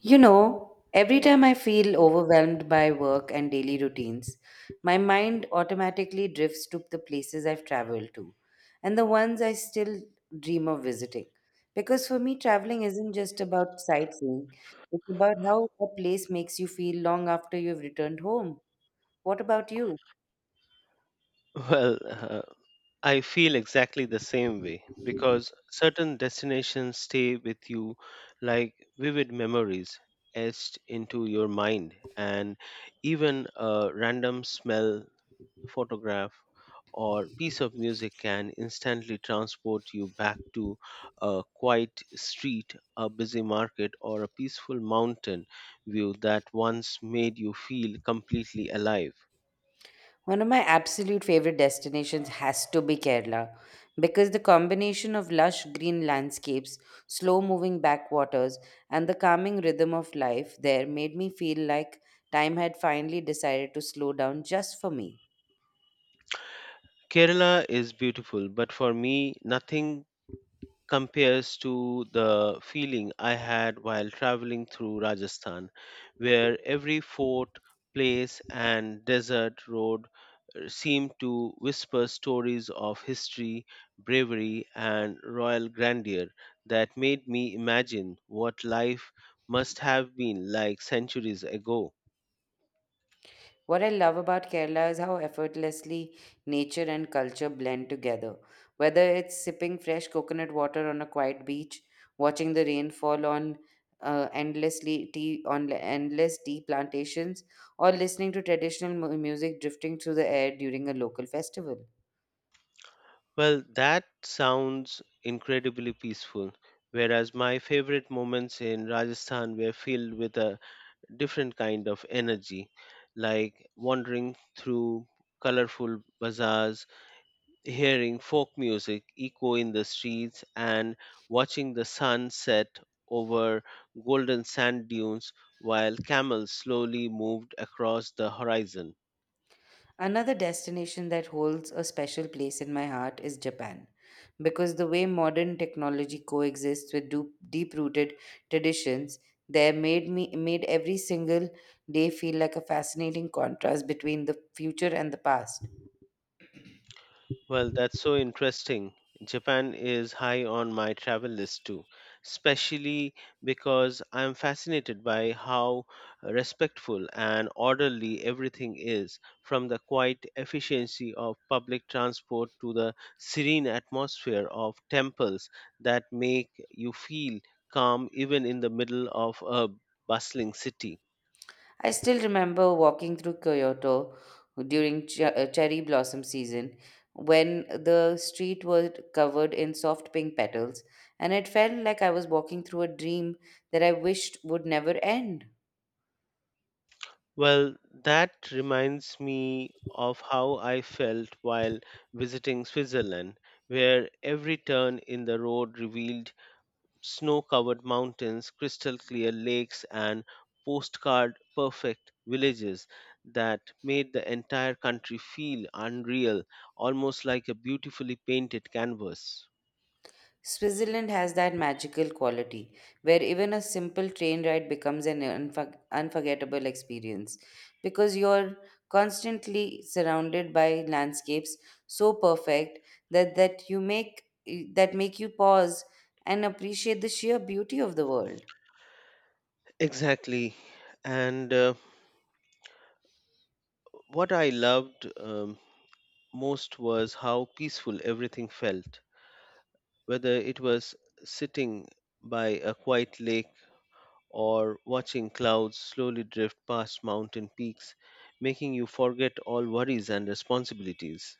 You know, every time I feel overwhelmed by work and daily routines, my mind automatically drifts to the places I've traveled to and the ones I still dream of visiting. Because for me, traveling isn't just about sightseeing, it's about how a place makes you feel long after you've returned home. What about you? Well, I feel exactly the same way because certain destinations stay with you like vivid memories etched into your mind, and even a random smell, photograph, or piece of music can instantly transport you back to a quiet street, a busy market, or a peaceful mountain view that once made you feel completely alive. One of my absolute favorite destinations has to be Kerala, because the combination of lush green landscapes, slow moving backwaters, and the calming rhythm of life there made me feel like time had finally decided to slow down just for me. Kerala is beautiful, but for me, nothing compares to the feeling I had while traveling through Rajasthan, where every fort, place, and desert road seemed to whisper stories of history, bravery, and royal grandeur that made me imagine what life must have been like centuries ago. What I love about Kerala is how effortlessly nature and culture blend together, whether it's sipping fresh coconut water on a quiet beach, watching the rain fall on endlessly tea on endless tea plantations, or listening to traditional music drifting through the air during a local festival. Well, that sounds incredibly peaceful, whereas my favorite moments in Rajasthan were filled with a different kind of energy, like wandering through colorful bazaars, hearing folk music echo in the streets, and watching the sun set over golden sand dunes while camels slowly moved across the horizon. Another destination that holds a special place in my heart is Japan, because the way modern technology coexists with deep rooted traditions there made every single day feel like a fascinating contrast between the future and the past. Well, that's so interesting. Japan is high on my travel list too, especially because I'm fascinated by how respectful and orderly everything is, from the quiet efficiency of public transport to the serene atmosphere of temples that make you feel calm even in the middle of a bustling city. I still remember walking through Kyoto during cherry blossom season, when the street was covered in soft pink petals and it felt like I was walking through a dream that I wished would never end. Well, that reminds me of how I felt while visiting Switzerland, where every turn in the road revealed snow covered mountains, crystal clear lakes, and postcard perfect villages that made the entire country feel unreal, almost like a beautifully painted canvas. Switzerland has that magical quality where even a simple train ride becomes an unforgettable experience, because you're constantly surrounded by landscapes so perfect that that you make that make you pause and appreciate the sheer beauty of the world. Exactly. And what I loved most was how peaceful everything felt, whether it was sitting by a quiet lake or watching clouds slowly drift past mountain peaks, making you forget all worries and responsibilities.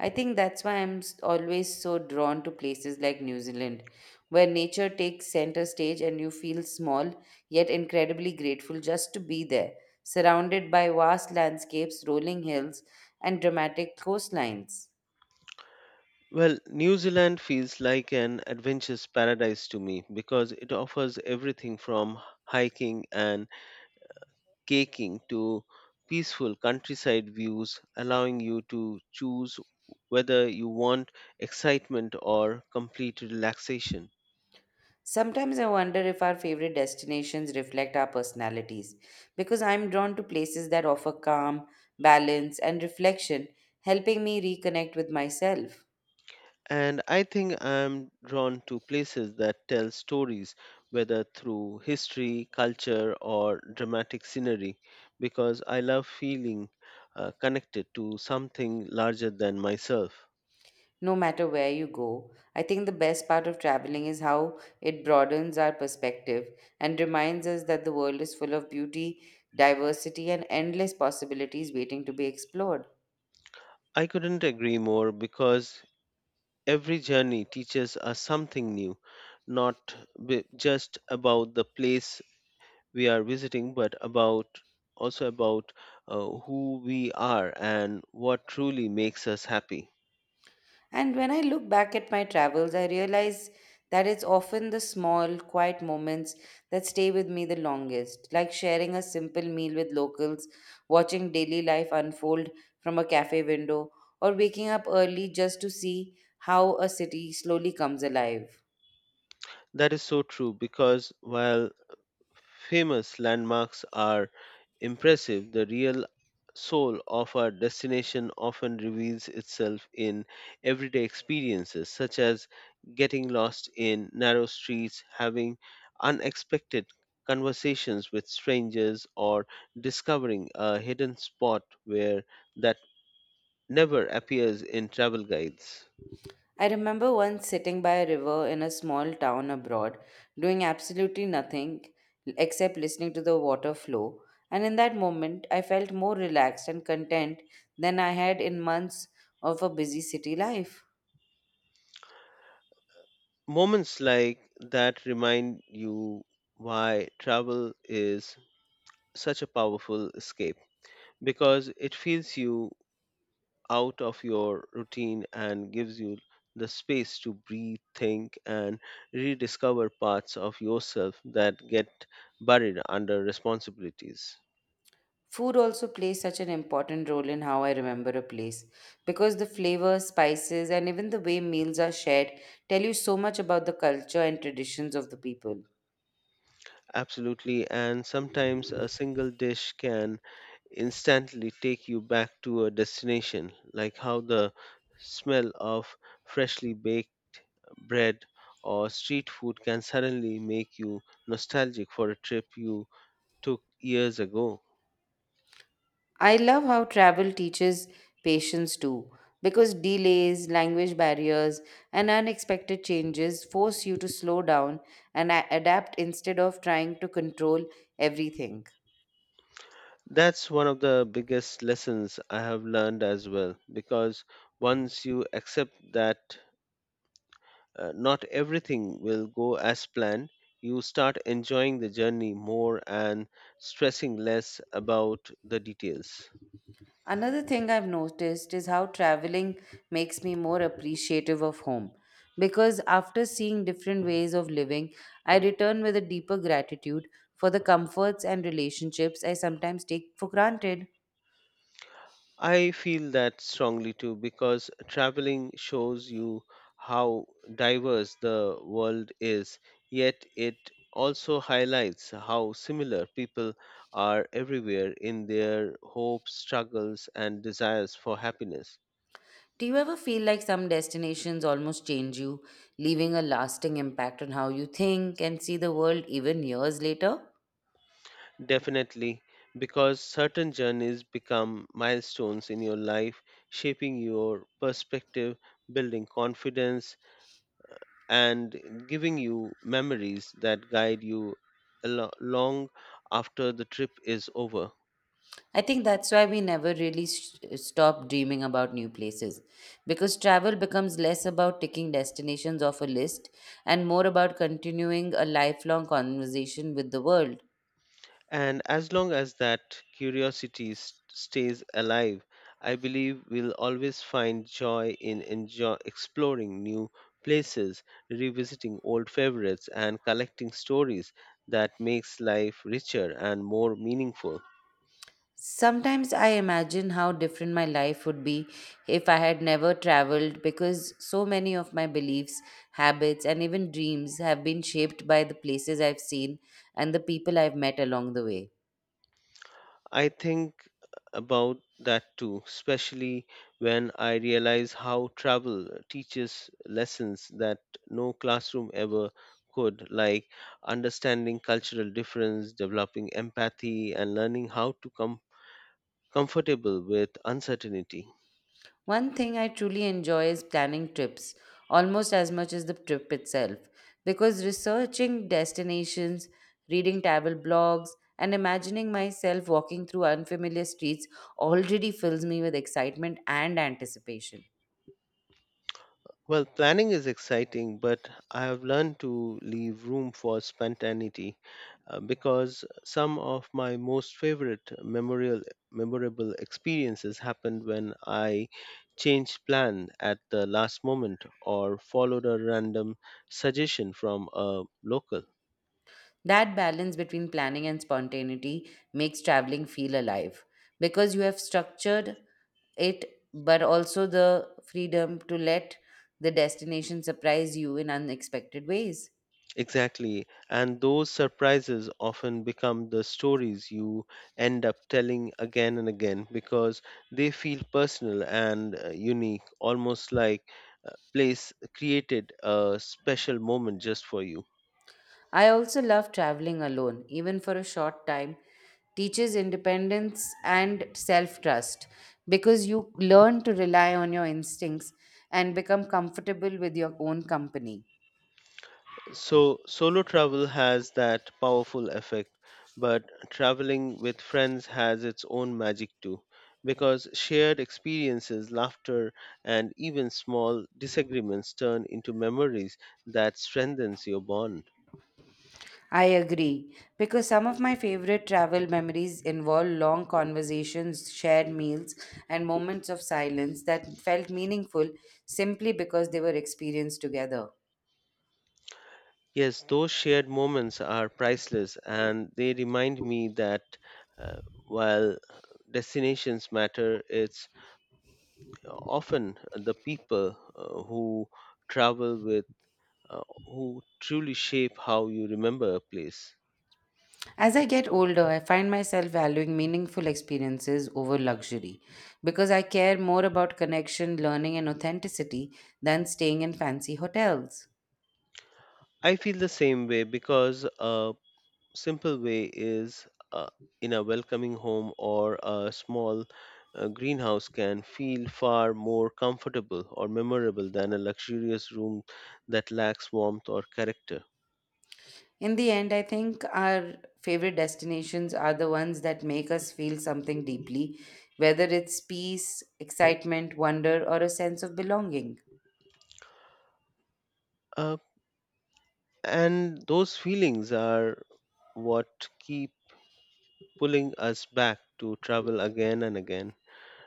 I think that's why I'm always so drawn to places like New Zealand, where nature takes center stage and you feel small yet incredibly grateful just to be there, surrounded by vast landscapes, rolling hills, and dramatic coastlines. Well, New Zealand feels like an adventure's paradise to me because it offers everything from hiking and caking to peaceful countryside views, allowing you to choose whether you want excitement or complete relaxation. Sometimes I wonder if our favorite destinations reflect our personalities, because I'm drawn to places that offer calm, balance, and reflection, helping me reconnect with myself. And I think I'm drawn to places that tell stories, whether through history, culture, or dramatic scenery, because I love feeling connected to something larger than myself. No matter where you go, I think the best part of traveling is how it broadens our perspective and reminds us that the world is full of beauty, diversity, and endless possibilities waiting to be explored. I couldn't agree more because every journey teaches us something new, not just about the place we are visiting, but about also about who we are and what truly makes us happy. And when I look back at my travels, I realize that it's often the small, quiet moments that stay with me the longest, like sharing a simple meal with locals, watching daily life unfold from a cafe window, or waking up early just to see how a city slowly comes alive. That is so true because while famous landmarks are impressive, the real soul of a destination often reveals itself in everyday experiences, such as getting lost in narrow streets, having unexpected conversations with strangers, or discovering a hidden spot where that never appears in travel guides. I remember once sitting by a river in a small town abroad, doing absolutely nothing except listening to the water flow, and in that moment I felt more relaxed and content than I had in months of a busy city life. Moments like that remind you why travel is such a powerful escape, because it feels you out of your routine and gives you the space to breathe, think, and rediscover parts of yourself that get buried under responsibilities. Food also plays such an important role in how I remember a place, because the flavors, spices, and even the way meals are shared tell you so much about the culture and traditions of the people. Absolutely, and sometimes a single dish can instantly take you back to a destination, like how the smell of freshly baked bread or street food can suddenly make you nostalgic for a trip you took years ago. I love how travel teaches patience too, because delays, language barriers, and unexpected changes force you to slow down and adapt instead of trying to control everything. That's one of the biggest lessons I have learned as well, because once you accept that not everything will go as planned, you start enjoying the journey more and stressing less about the details. Another thing I've noticed is how traveling makes me more appreciative of home, because after seeing different ways of living, I return with a deeper gratitude for the comforts and relationships I sometimes take for granted. I feel that strongly too because traveling shows you how diverse the world is, yet it also highlights how similar people are everywhere in their hopes, struggles, and desires for happiness. Do you ever feel like some destinations almost change you, leaving a lasting impact on how you think and see the world even years later? Definitely, because certain journeys become milestones in your life, shaping your perspective, building confidence, and giving you memories that guide you long after the trip is over. I think that's why we never really s stop dreaming about new places, because travel becomes less about ticking destinations off a list and more about continuing a lifelong conversation with the world. And as long as that curiosity stays alive, I believe we'll always find joy in enjoy exploring new places, revisiting old favorites, and collecting stories that makes life richer and more meaningful. Sometimes I imagine how different my life would be if I had never traveled, because so many of my beliefs, habits, and even dreams have been shaped by the places I've seen and the people I've met along the way. I think about that too, especially when I realize how travel teaches lessons that no classroom ever could, like understanding cultural difference, developing empathy, and learning how to come comfortable with uncertainty. One thing I truly enjoy is planning trips, almost as much as the trip itself, because researching destinations, reading travel blogs, and imagining myself walking through unfamiliar streets already fills me with excitement and anticipation. Well, planning is exciting, but I have learned to leave room for spontaneity because some of my most favorite memorable experiences happened when I changed plan at the last moment or followed a random suggestion from a local. That balance between planning and spontaneity makes traveling feel alive, because you have structured it, but also the freedom to let the destination surprise you in unexpected ways. Exactly. And those surprises often become the stories you end up telling again and again because they feel personal and unique, almost like a place created a special moment just for you. I also love traveling alone; even for a short time, teaches independence and self trust, because you learn to rely on your instincts and become comfortable with your own company. So, solo travel has that powerful effect, but traveling with friends has its own magic too, because shared experiences, laughter, and even small disagreements turn into memories that strengthens your bond. I agree, because some of my favorite travel memories involve long conversations, shared meals, and moments of silence that felt meaningful simply because they were experienced together. Yes, those shared moments are priceless, and they remind me that uh, while destinations matter, it's often the people who travel with uh, who truly shape how you remember a place. As I get older, I find myself valuing meaningful experiences over luxury, because I care more about connection, learning, and authenticity than staying in fancy hotels. I feel the same way because a simple way is in a welcoming home or a small greenhouse can feel far more comfortable or memorable than a luxurious room that lacks warmth or character. In the end, I think our favorite destinations are the ones that make us feel something deeply, whether it's peace, excitement, wonder, or a sense of belonging. Uh, and those feelings are what keep pulling us back to travel again and again,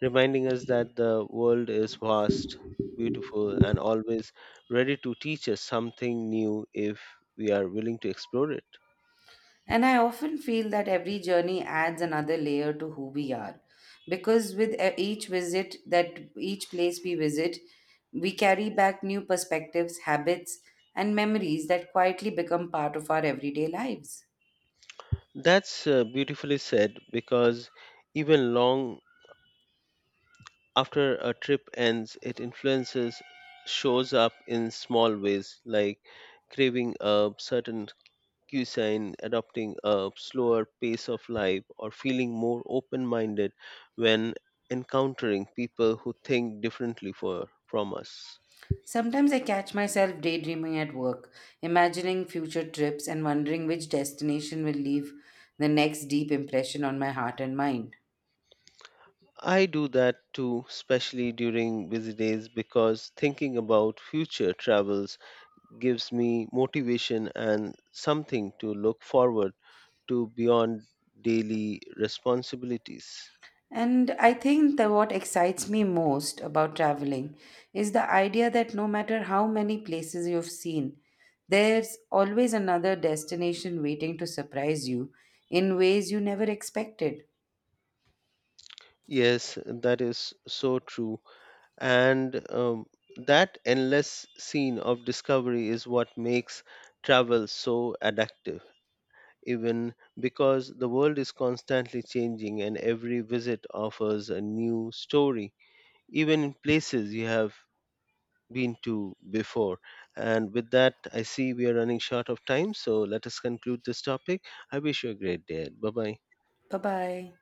reminding us that the world is vast, beautiful, and always ready to teach us something new if we are willing to explore it. And I often feel that every journey adds another layer to who we are, because with each place we visit, we carry back new perspectives, habits, and memories that quietly become part of our everyday lives. That's beautifully said because even long after a trip ends, it influences shows up in small ways like craving a certain cuisine, adopting a slower pace of life, or feeling more open minded when encountering people who think differently from us. Sometimes I catch myself daydreaming at work, imagining future trips and wondering which destination will leave the next deep impression on my heart and mind. I do that too, especially during busy days, because thinking about future travels gives me motivation and something to look forward to beyond daily responsibilities. And I think that what excites me most about traveling is the idea that no matter how many places you've seen, there's always another destination waiting to surprise you in ways you never expected. Yes, that is so true. And that endless scene of discovery is what makes travel so addictive, even because the world is constantly changing and every visit offers a new story, even in places you have been to before. And with that, I see we are running short of time, so let us conclude this topic. I wish you a great day. Bye bye. Bye bye.